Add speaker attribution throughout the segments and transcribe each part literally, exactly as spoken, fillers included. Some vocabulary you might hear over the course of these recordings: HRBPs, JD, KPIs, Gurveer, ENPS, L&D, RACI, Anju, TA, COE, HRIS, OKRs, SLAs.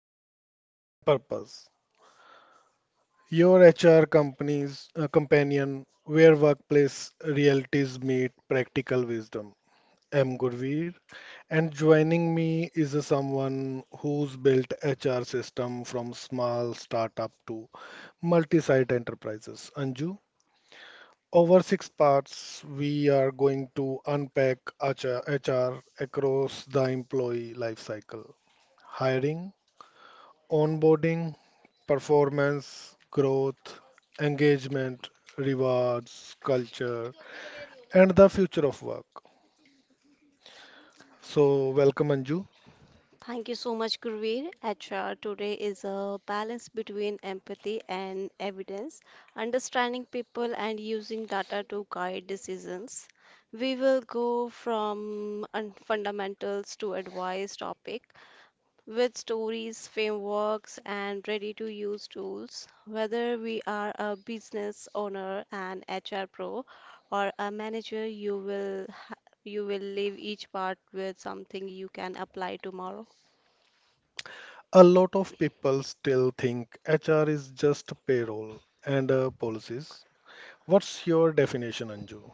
Speaker 1: Practice and Purpose, your H R company's uh, companion where workplace realities meet practical wisdom. I'm Gurveer, and joining me is a someone who's built H R system from small startup to multi-site enterprises. Anju, over six parts, we are going to unpack H R across the employee life cycle hiring, onboarding, performance, growth, engagement, rewards, culture, and the future of work. So, welcome Anju.
Speaker 2: Thank you so much, Gurveer. H R today is a balance between empathy and evidence, understanding people and using data to guide decisions. We will go from un- fundamentals to advice topic with stories, frameworks, and ready to use tools. Whether we are a business owner, an H R pro, or a manager, you will you will leave each part with something you can apply tomorrow.
Speaker 1: A lot of people still think H R is just payroll and uh, policies. What's your definition, Anju?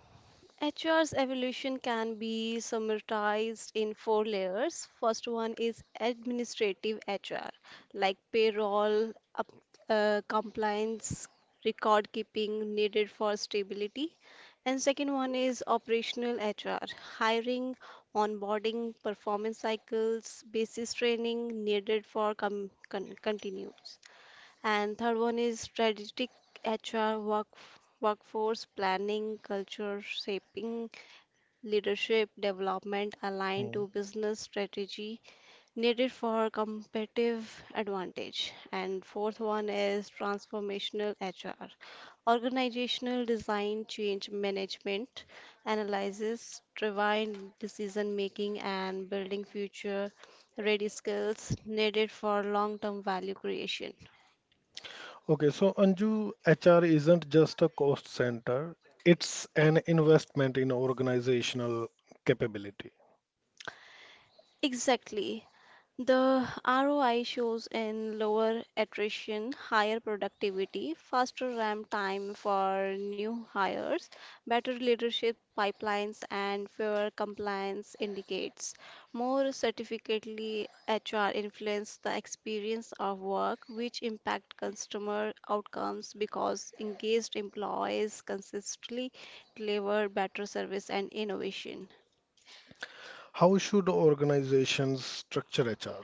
Speaker 2: H R's evolution can be summarized in four layers. First one is administrative H R, like payroll, up, uh, compliance, record keeping needed for stability. And second one is operational H R, hiring, onboarding, performance cycles, basis training needed for com- con- continues. And third one is strategic H R work workforce planning, culture shaping, leadership development aligned
Speaker 1: Hmm.
Speaker 2: to business strategy needed for competitive advantage. And fourth one is transformational H R, organizational design change management, analysis, driven decision making, and building future ready skills needed for long term value creation.
Speaker 1: Okay, so Anju, H R isn't just a cost center, it's an investment in organizational capability.
Speaker 2: Exactly. The R O I shows in lower attrition, higher productivity, faster ramp time for new hires, better leadership pipelines, and fewer compliance indicates. More certificately, H R influence the experience of work, which impact customer outcomes because engaged employees consistently deliver better service and innovation.
Speaker 1: How should organizations structure H R?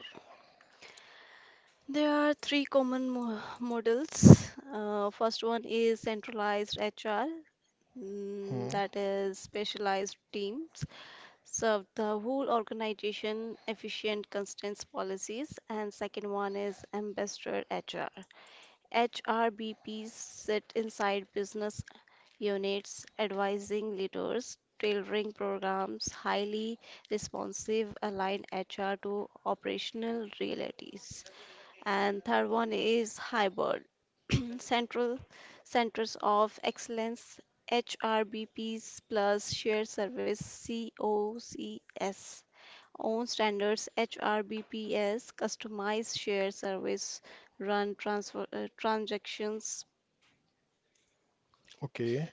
Speaker 2: There are three common mo- models. Uh, first one is centralized H R, mm,
Speaker 1: Hmm.
Speaker 2: that is specialized teams serve the whole organization efficient constant policies, and second one is ambassador H R. H R B Ps sit inside business units advising leaders, tailoring programs, highly responsive, align H R to operational realities, and third one is hybrid central centers of excellence, H R B Ps plus shared service C O C S own standards, H R B P S customized, shared service run transfer uh, transactions.
Speaker 1: Okay.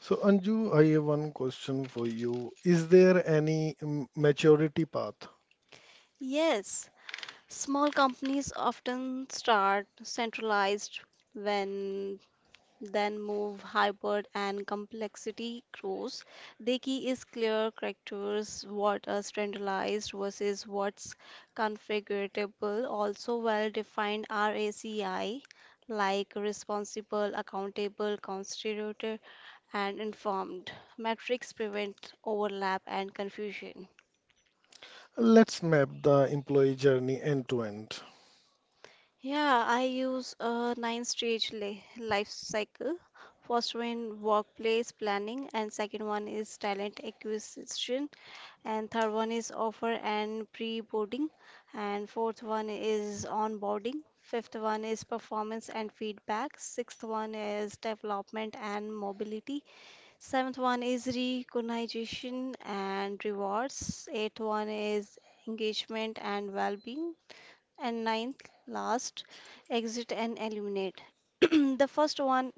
Speaker 1: So, Anju, I have one question for you. Is there any mm, maturity path?
Speaker 2: Yes, small companies often start centralized, when then move hybrid and complexity grows. The key is clear characters, what is standardized versus what's configurable, also well defined racy, like responsible, accountable, constituted, and informed. Metrics prevent overlap and confusion.
Speaker 1: Let's map the employee journey end to end.
Speaker 2: Yeah, I use a nine stage li- life cycle. First one workplace planning, and second one is talent acquisition, and third one is offer and pre-boarding, and fourth one is onboarding, fifth one is performance and feedback, sixth one is development and mobility, seventh one is recognition and rewards, eighth one is engagement and well-being, and ninth last exit and eliminate. The first one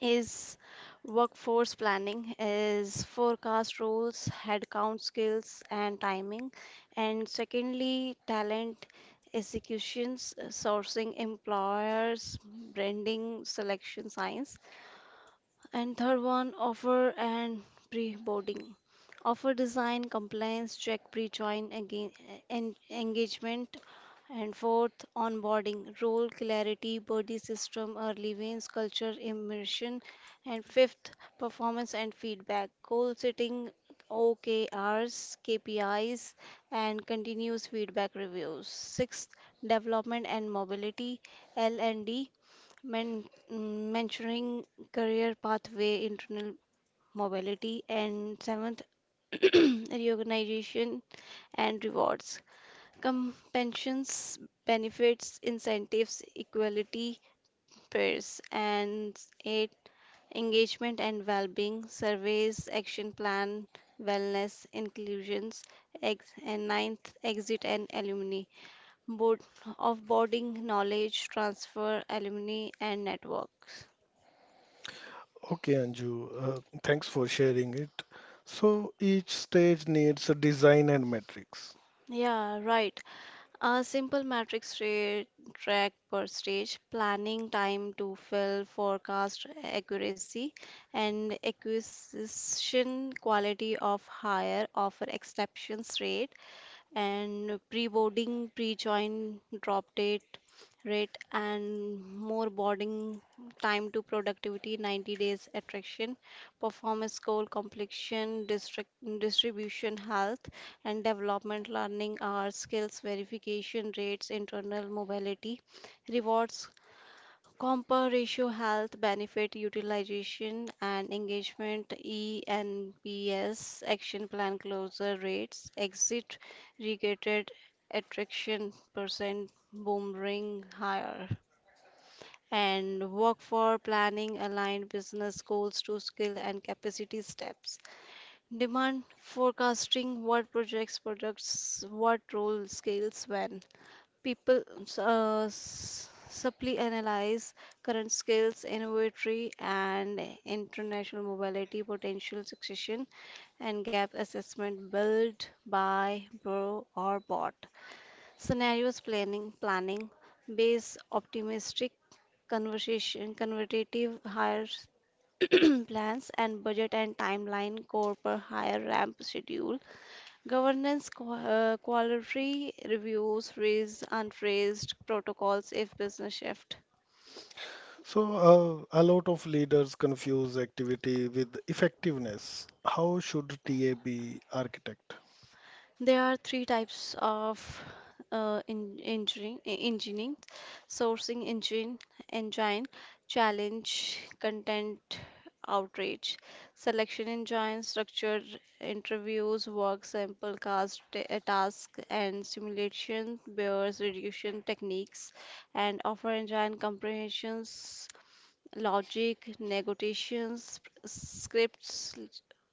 Speaker 2: is workforce planning, is forecast rules, headcount skills and timing, and secondly, talent executions, uh, sourcing employers, branding, selection science, and third one, offer and pre-boarding. Offer design, compliance, check pre-join, again, engagement, and fourth, onboarding, role clarity, body system, early veins, culture immersion. And fifth, performance and feedback, goal setting, O K Rs, K P Is, and continuous feedback reviews. Sixth, development and mobility, L and D, men- mm, mentoring, career pathway, internal mobility. And seventh, recognition and rewards, compensations, benefits, incentives, equality, pairs, and eight, engagement and well-being surveys, action plan, wellness, inclusions, ex- and ninth exit and alumni board offboarding, knowledge transfer, alumni and networks.
Speaker 1: Okay, Anju, uh, thanks for sharing it. So, each stage needs a design and metrics.
Speaker 2: Yeah, right. A simple matrix rate, track per stage, planning time to fill, forecast accuracy, and acquisition quality of higher offer exceptions rate, and pre-boarding, pre-join, drop date, rate, and more boarding time to productivity, ninety days attraction, performance goal, completion, district distribution, health and development, learning hours, skills verification rates, internal mobility, rewards Compa ratio health benefit utilization, and engagement E N P S action plan closure rates, exit regated attraction percent boomerang higher, and work for planning aligned business goals to skill and capacity steps, demand forecasting, what projects products, what role scales when. People uh, s- supply analyze current skills, innovatory and international mobility, potential succession, and gap assessment built by bro or bot. Scenarios planning planning base optimistic conversation convertative higher plans and budget and timeline core per higher ramp schedule. Governance qua- uh, quality reviews raise unraised protocols if business shift.
Speaker 1: So, uh, a lot of leaders confuse activity with effectiveness. How should T A be architect?
Speaker 2: There are three types of uh, in, engineering, e- engineering, sourcing engine, engine, challenge, content, outreach, selection engine, structured interviews, work sample, cast, ta- uh, task, and simulation, bears reduction techniques, and offer engine comprehensions logic, negotiations, scripts,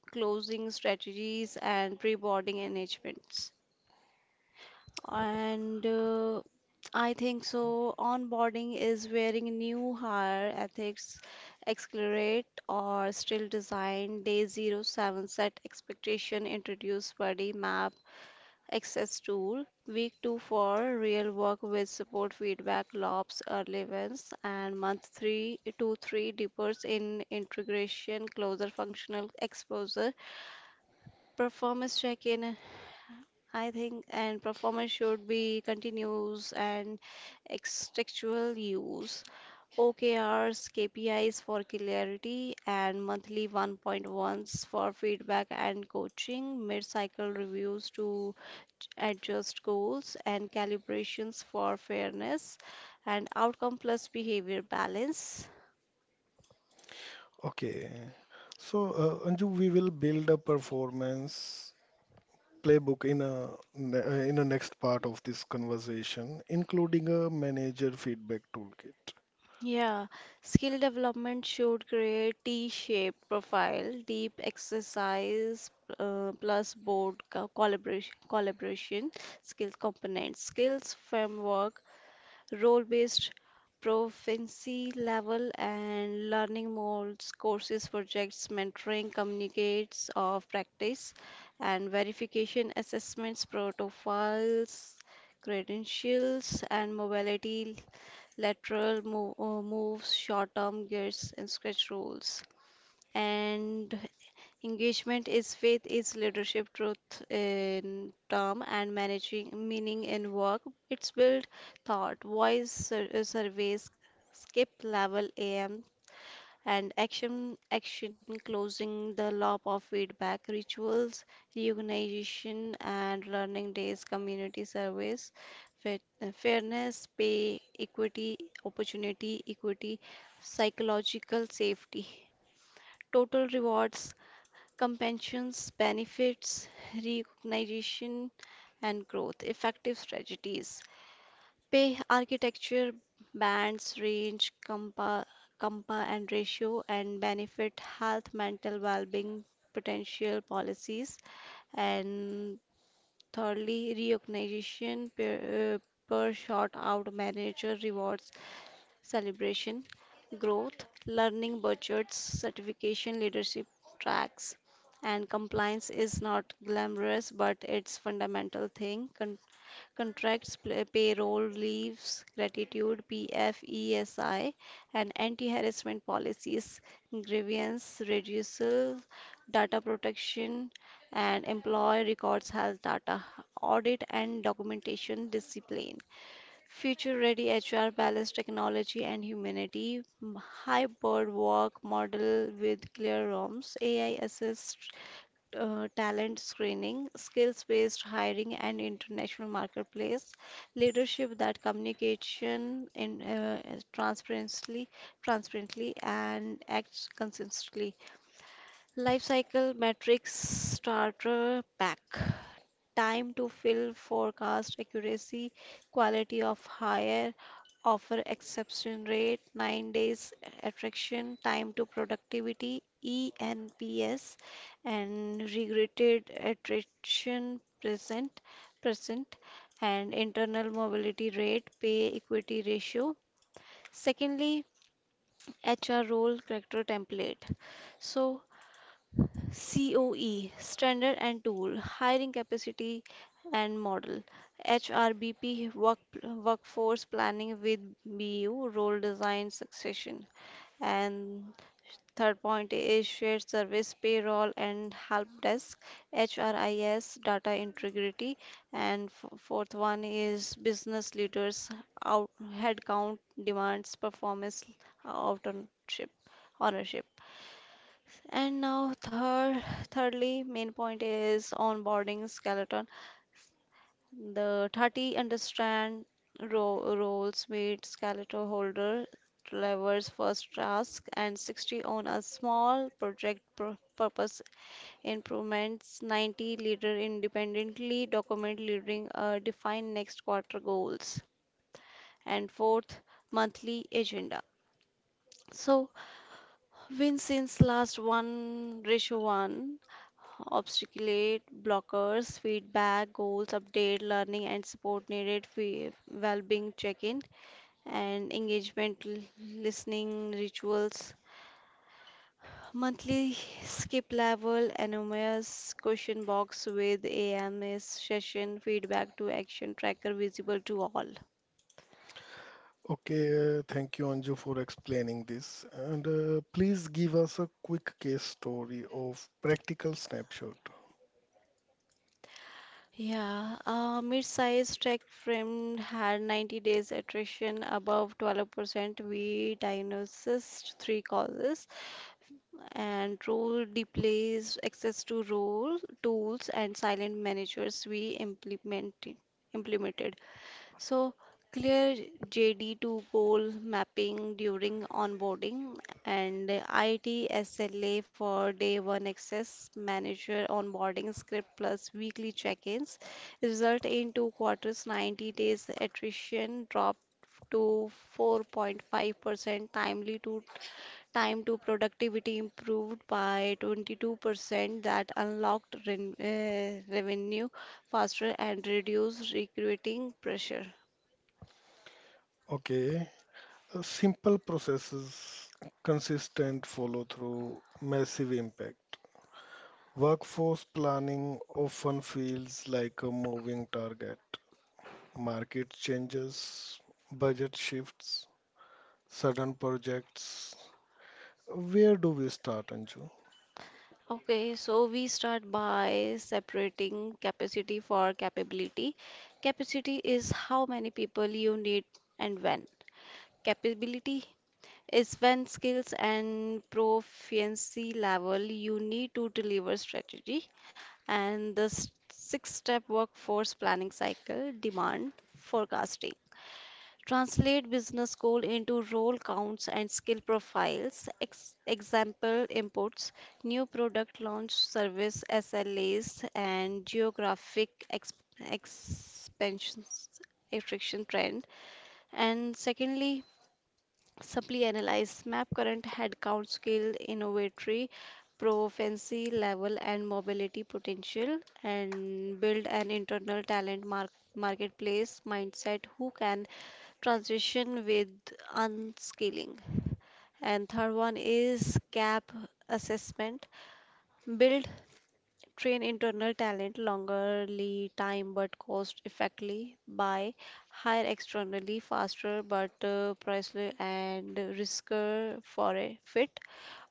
Speaker 2: closing strategies, and pre-boarding engagements. And uh, I think so. Onboarding is wearing new hire ethics, accelerate or still design day zero seven set expectation introduce buddy map access tool. Week two for real work with support feedback, lobs, early wins, and month three to three differs in integration, closer functional exposure, performance check-in, I think, and performance should be continuous and contextual use. O K Rs, K P Is for clarity, and monthly one point ones for feedback and coaching, mid-cycle reviews to adjust goals and calibrations for fairness and outcome plus behavior balance.
Speaker 1: Okay. So, uh, Anju, we will build a performance playbook in a ne- uh, in a next part of this conversation, including a manager feedback toolkit.
Speaker 2: Yeah, skill development should create T-shaped profile, deep exercise uh, plus board co- collaboration, collaboration, skills components, skills framework, role based proficiency level, and learning modes courses projects mentoring communicates of practice, and verification assessments profiles credentials and mobility lateral mo- uh, moves short term gears and scratch rules. And engagement is faith, is leadership, truth in term, and managing meaning in work. It's built thought, voice sur- uh, surveys, skip level A M, and action, action closing the loop of feedback, rituals, reorganization, and learning days, community service, fit- uh, fairness, pay, equity, opportunity, equity, psychological safety, total rewards, compensation, benefits, recognition, and growth. Effective strategies. Pay architecture, bands, range, compa, compa and ratio, and benefit health, mental well-being, potential policies. And thirdly, recognition per, uh, per short out manager rewards celebration, growth, learning, budgets, certification, leadership tracks, and compliance is not glamorous, but it's fundamental thing. Con- contracts, pl- payroll, leaves, gratitude, P F E S I, and anti-harassment policies, grievance reducal, data protection, and employee records health data, audit and documentation discipline. Future ready H R balance technology and humanity m- hybrid work model with clear ROMs, A I assist uh, talent screening, skills based hiring, and international marketplace, leadership that communication in, uh, is transparently, transparently and acts consistently. Life cycle metrics starter pack. Time to fill, forecast accuracy, quality of hire, offer exception rate, nine days attraction, time to productivity, E N P S, and regretted attrition present, present, and internal mobility rate, pay equity ratio. Secondly, H R role character template. So C O E, standard and tool, hiring capacity and model, H R B P, work, workforce planning with B U, role design succession, and third point is shared service, payroll and help desk, H R I S, data integrity, and f- fourth one is business leaders, out, headcount demands, performance Autonomship, ownership. And now, third, thirdly, main point is onboarding skeleton. The thirty understand ro- roles with skeleton holder delivers first task, and sixty on a small project pur- purpose improvements, ninety leader independently document leading uh, define next quarter goals, and fourth monthly agenda, so win since last one ratio one obstaculate, blockers, feedback, goals, update, learning and support needed, fe- well-being check-in, and engagement l- listening rituals. Monthly skip level, anonymous question box with A M S session, feedback to action tracker visible to all.
Speaker 1: Okay, uh, thank you, Anju, for explaining this. And uh, please give us a quick case story of practical snapshot.
Speaker 2: Yeah, uh, mid-size tech firm had ninety days attrition above twelve percent. We diagnosed three causes, and role replays access to role tools and silent managers. We implemented implemented so clear jd to goal mapping during onboarding, and itsla for day one access manager onboarding script plus weekly check-ins. Result in two quarters, ninety days attrition dropped to four point five percent, timely to time to productivity improved by twenty-two percent, that unlocked ren- uh, revenue faster and reduced recruiting pressure.
Speaker 1: Okay, uh, simple processes, consistent follow through, massive impact. Workforce planning often feels like a moving target. Market changes, budget shifts, certain projects. Where do we start, Anju?
Speaker 2: Okay, so we start by separating capacity for capability. Capacity is how many people you need and when, capability is when skills and proficiency level you need to deliver strategy. And the s- six step workforce planning cycle demand forecasting. Translate business goal into role counts and skill profiles. Ex- example inputs, new product launch service S L As and geographic ex- expansions attraction trend. And secondly, supply analyzed map current headcount skill, innovatory proficiency level, and mobility potential, and build an internal talent mark- marketplace mindset who can transition with unskilling. And third one is gap assessment. Build, train internal talent longerly time but cost effectively. By hire externally faster but uh, pricely and risker for a fit.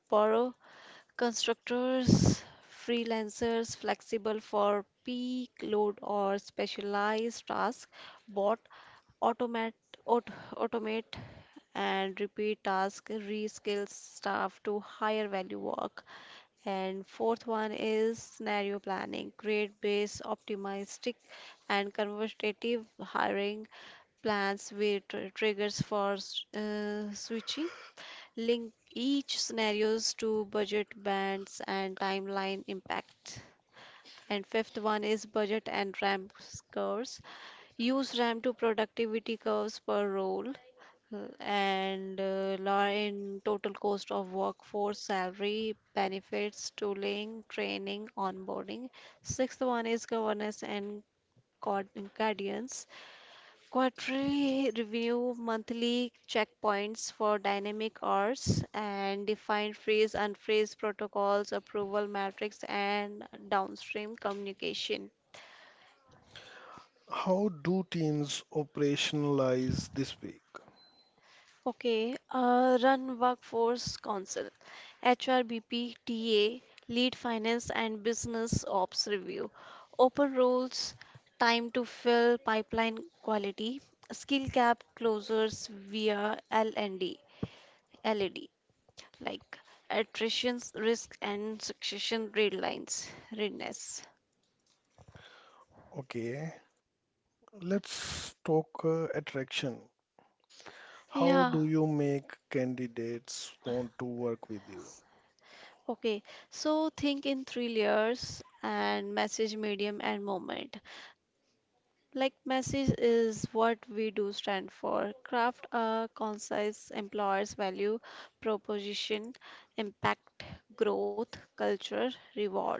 Speaker 2: Borrow constructors, freelancers flexible for peak load or specialized tasks. Bot automate aut- automate and repeat task reskill staff to higher value work. And fourth one is scenario planning. Create base optimistic and conservative hiring plans with tr- triggers for s- uh, switching. Link each scenarios to budget bands and timeline impact. And fifth one is budget and ramp curves. Use ramp to productivity curves per role. Mm, and uh, Law in total cost of workforce salary benefits tooling training onboarding. Sixth one is governance and guard- guardians, quarterly review, monthly checkpoints for dynamic hours, and define freeze unfreeze protocols, approval metrics, and downstream communication.
Speaker 1: How do teams operationalize this week?
Speaker 2: Okay, uh, run workforce council, H R B P T A, lead finance and business ops review, open roles, time to fill pipeline quality, skill gap closures via L N D, L E D, like attrition risk and succession Readlines, readiness.
Speaker 1: Okay, let's talk uh, attraction. How
Speaker 2: Yeah,
Speaker 1: do you make candidates want to work with you?
Speaker 2: okay. So think in three layers and message, medium, and moment. Like message is what we do stand for. Craft a concise employer's value proposition, impact, growth, culture, reward,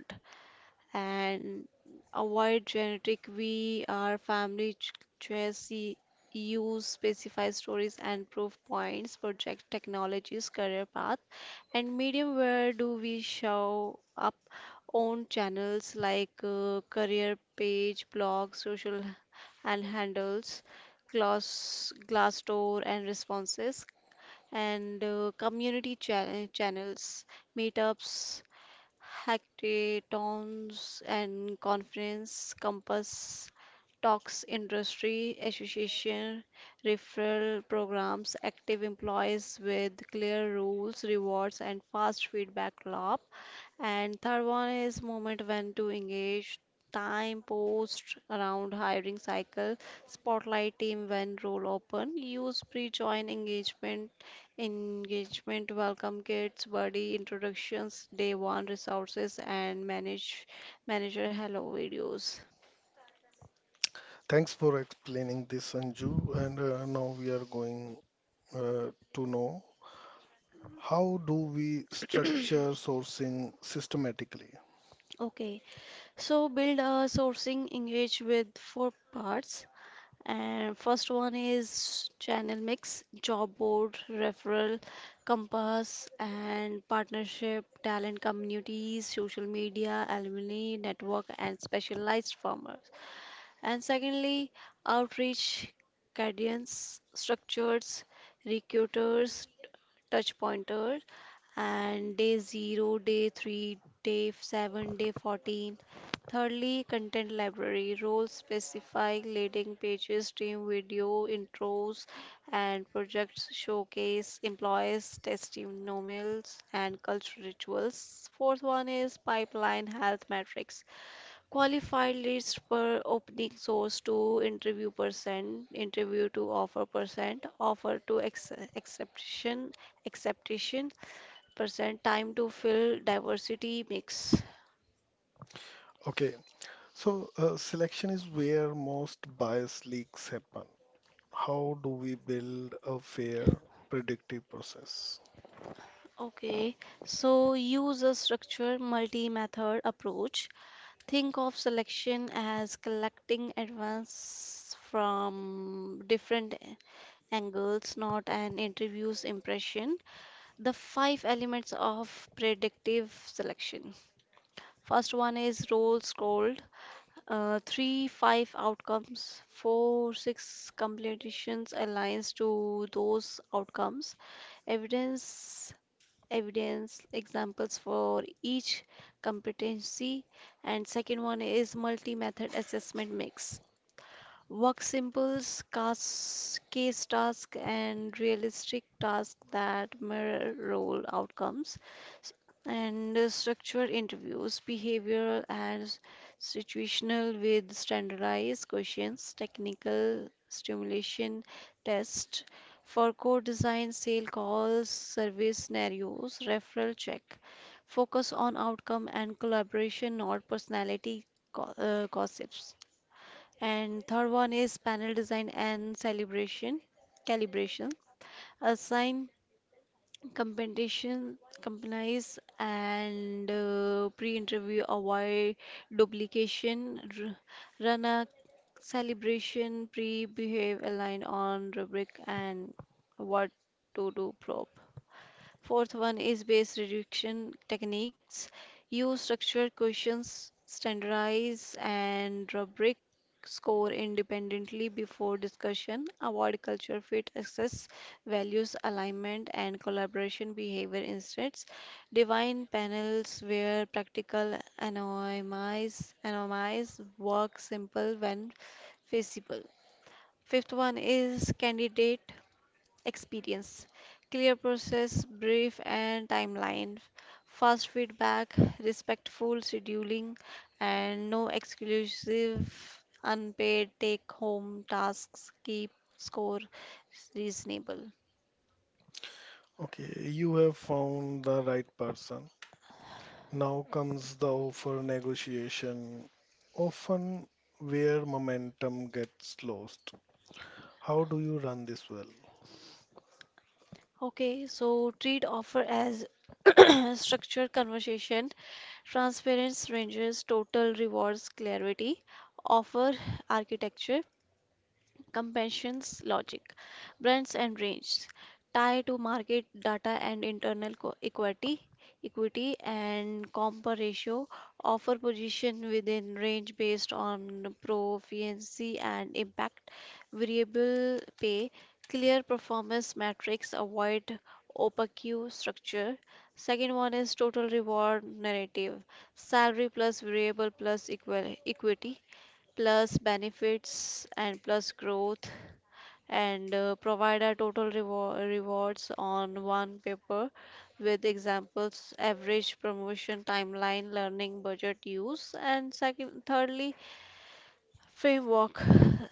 Speaker 2: and avoid generic we are family ch- choice. Use specify stories and proof points, project technologies, career path, and medium where do we show up on channels like uh, career page, blogs, social and handles, glass glassdoor and responses and uh, community cha- channels, meetups, hackathons and conference compass talks, industry association, referral programs, active employees with clear rules, rewards and fast feedback loop. And third one is moment, when to engage. Time post around hiring cycle, spotlight team when role open, use pre-join engagement, engagement welcome kits, buddy introductions, day one resources, and manage manager hello videos.
Speaker 1: Thanks for explaining this, Anju. And uh, now we are going uh, to know how do we structure sourcing systematically?
Speaker 2: Okay, so build a sourcing engage with four parts. And first one is channel mix, job board, referral, compass, and partnership, talent communities, social media, alumni network, and specialized farmers. And secondly, outreach, cadence, structures, recruiters, touch pointer, and day zero, day three, day seven, day fourteen. Thirdly, content library, role specific leading pages, team video, intros, and projects showcase employees, testimonials, and cultural rituals. Fourth one is pipeline health metrics. Qualified leads per opening, source to interview percent, interview to offer percent, offer to ex- acceptation, acceptation percent, time to fill, diversity mix.
Speaker 1: Okay, so uh, selection is where most bias leaks happen. How do we build a fair, predictive process?
Speaker 2: Okay, so use a structured multi-method approach. Think of selection as collecting advance from different angles, not an interview's impression. The five elements of predictive selection: first one is role scored, uh, three five outcomes, four six completions, aligns to those outcomes, evidence evidence examples for each competency. And second one is multi method assessment mix. Work simples, cas- case task, and realistic task that mirror role outcomes, S- and uh, structure interviews, behavioral and s- situational with standardized questions, technical stimulation test for core design, sale calls, service scenarios, referral check. Focus on outcome and collaboration, not personality go- uh, gossips. And third one is panel design and celebration calibration. Assign competition companies and uh, pre-interview, avoid duplication. R- run a celebration pre-behave, align on rubric and what to do probe. Fourth one is base reduction techniques. Use structured questions, standardize and rubric, score independently before discussion. Avoid culture fit, assess values alignment and collaboration behavior insteads. Define panels where practical, anonymize, anonymize work simple when feasible. Fifth one is candidate experience, clear process brief and timeline, fast feedback, respectful scheduling, and no exclusive unpaid take home tasks, keep score reasonable.
Speaker 1: Okay, you have found the right person. Now comes the offer negotiation, often where momentum gets lost. How do you run this well?
Speaker 2: Okay, so treat offer as structured conversation, transparent ranges, total rewards clarity, offer architecture. Compassion's logic, brands and range, tie to market data and internal co- equity, equity and comp ratio, offer position within range based on proficiency and impact, variable pay, clear performance metrics, avoid opaque structure. Second one is total reward narrative, salary plus variable plus equal equity plus benefits and plus growth, and uh, provide a total reward rewards on one paper with examples, average promotion timeline, learning budget use, and second thirdly framework.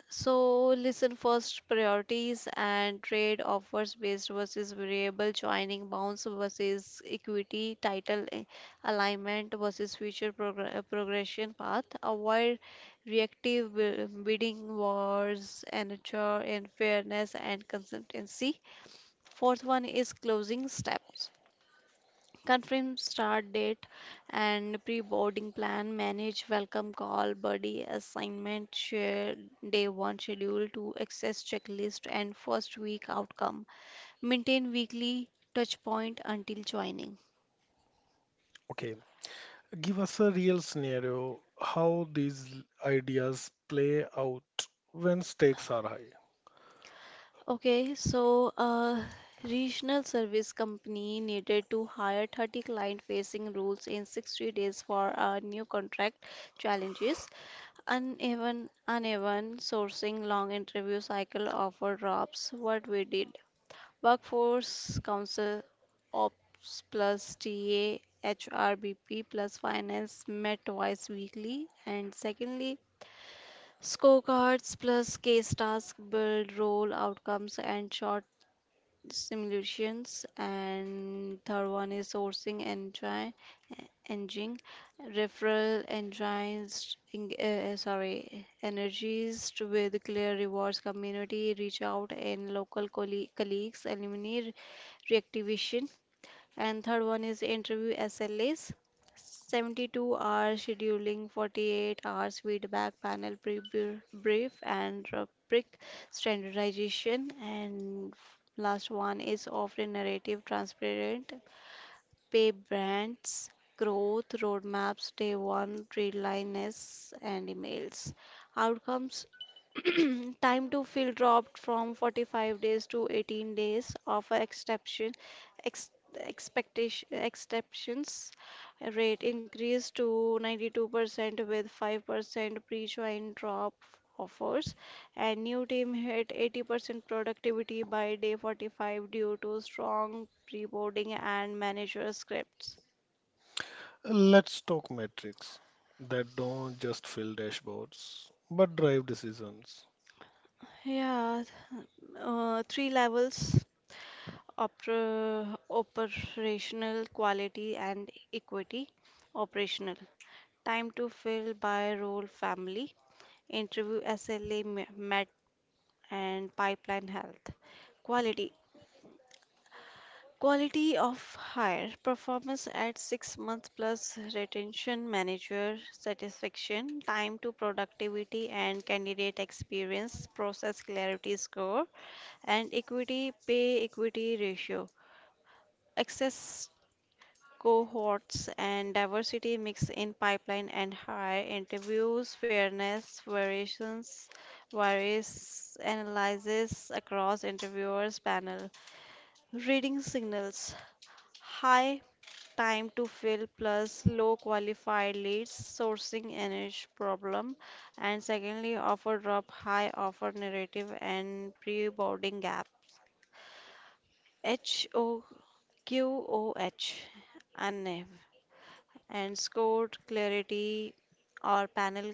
Speaker 2: So listen first priorities and trade offers, based versus variable, joining bounds versus equity, title a- alignment versus future progr- uh, progression path. Avoid reactive bi- bidding wars and ensure in fairness and consistency. Fourth one is closing steps, confirm start date and pre-boarding plan, manage welcome call, buddy assignment, share day one schedule to access checklist and first week outcome. Maintain weekly touch point until joining.
Speaker 1: Okay, give us a real scenario how these ideas play out when stakes are high.
Speaker 2: Okay, so uh, regional service company needed to hire thirty client-facing roles in sixty days for a new contract. Challenges: uneven uneven sourcing, long interview cycle, offer drops. What we did: workforce council, ops plus TA, HRBP plus finance, met twice weekly. And secondly, scorecards plus case task, build role outcomes and short simulations. And third one is sourcing engine engine, referral engines, eng- uh, uh, sorry, energies to with clear rewards, community reach out, and local colle- colleagues, alumni re- reactivation. And third one is interview S L As. seventy-two hour scheduling, forty-eight hours feedback, panel pre- br- brief, and rubric standardization. And last one is offering narrative, transparent pay brands, growth roadmaps, day one, readlines, and emails. Outcomes: time to fill dropped from forty-five days to eighteen days, offer exception ex, expectation exceptions rate increased to ninety-two percent with five percent pre-join drop offers, and new team hit eighty percent productivity by day forty-five due to strong preboarding and manager scripts.
Speaker 1: Let's talk metrics that don't just fill dashboards but drive decisions.
Speaker 2: Yeah, uh, three levels: oper- operational, quality and equity. Operational: time to fill by role family, interview S L A met, and pipeline health. Quality Quality of hire, performance at six months plus retention, manager satisfaction, time to productivity and candidate experience, process clarity score, and equity pay equity ratio. Access cohorts and diversity mix in pipeline and hire interviews, fairness variations, various analysis across interviewers panel, reading signals, high time to fill plus low qualified leads, sourcing an issue problem. And secondly, offer drop high, offer narrative and pre-boarding gap, H O Q O H, A N E V and scored clarity or panel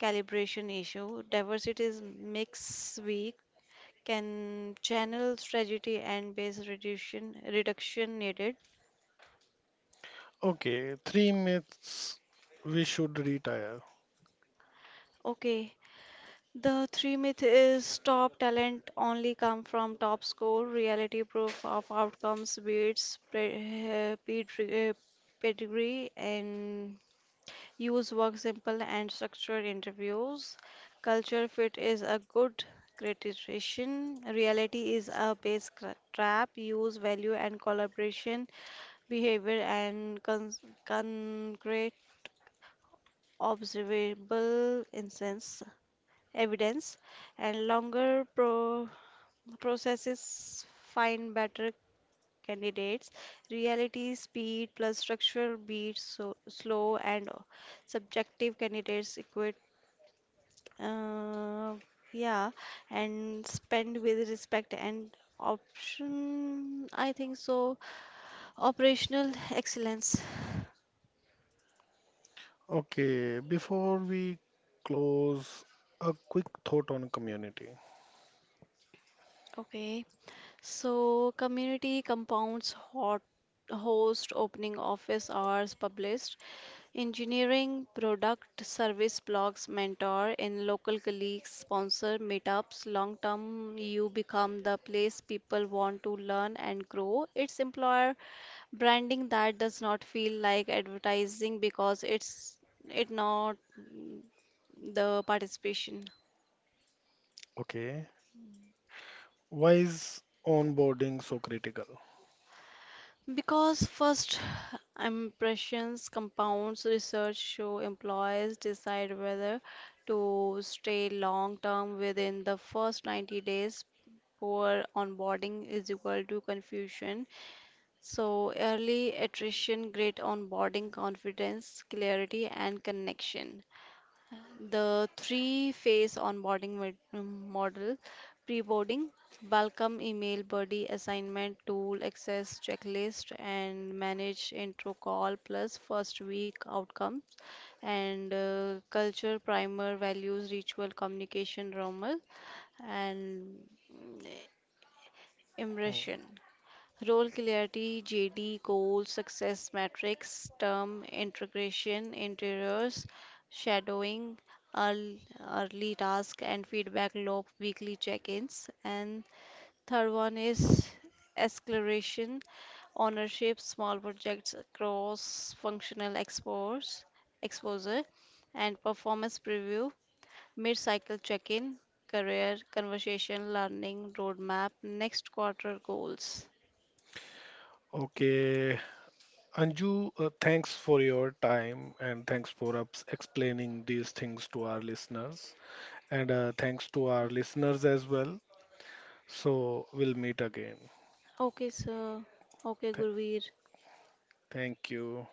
Speaker 2: calibration issue, diversity is mix weak, can channel strategy and base reduction reduction needed.
Speaker 1: Okay, three myths we should retire.
Speaker 2: Okay, the three myth is top talent only come from top score. Reality: proof of outcomes beats pre- eh, pedri- eh, pedigree, and use work simple and structured interviews. Culture fit is a good criticization. Reality is a base cra- trap. Use value and collaboration, behavior and con- concrete observable instance evidence, and longer pro- processes find better candidates. Reality, speed plus structural beats so slow and subjective candidates equate. Uh, yeah, and spend with respect and option. I think so. Operational excellence.
Speaker 1: Okay, before we close, a quick thought on community.
Speaker 2: Okay, so community compounds hot, host opening office hours, published engineering product service blogs, mentor in local colleagues, sponsor meetups. Long term, you become the place people want to learn and grow. It's employer branding that does not feel like advertising because it's it not mm, the participation.
Speaker 1: Okay, why is onboarding so critical?
Speaker 2: Because first impressions compounds, research show employees decide whether to stay long term within the first ninety days. Poor onboarding is equal to confusion. So, early attrition, great onboarding, confidence, clarity, and connection. The three-phase onboarding med- um, model: pre-boarding, welcome email, buddy assignment tool, access checklist, and manage intro call plus first week outcome, and uh, culture primer, values ritual, communication normal, and mm,
Speaker 1: Hmm.
Speaker 2: immersion. Role clarity, J D, goals, success metrics, term integration, interiors, shadowing, earl- early task and feedback loop, weekly check-ins. And third one is escalation, ownership, small projects, cross-functional expose, exposure, and performance preview, mid-cycle check-in, career conversation, learning roadmap, next quarter goals.
Speaker 1: Okay, Anju, uh, thanks for your time and thanks for ups explaining these things to our listeners. And uh, thanks to our listeners as well. So we'll meet again.
Speaker 2: Okay, sir. Okay,
Speaker 1: Th-
Speaker 2: Gurveer.
Speaker 1: Thank you.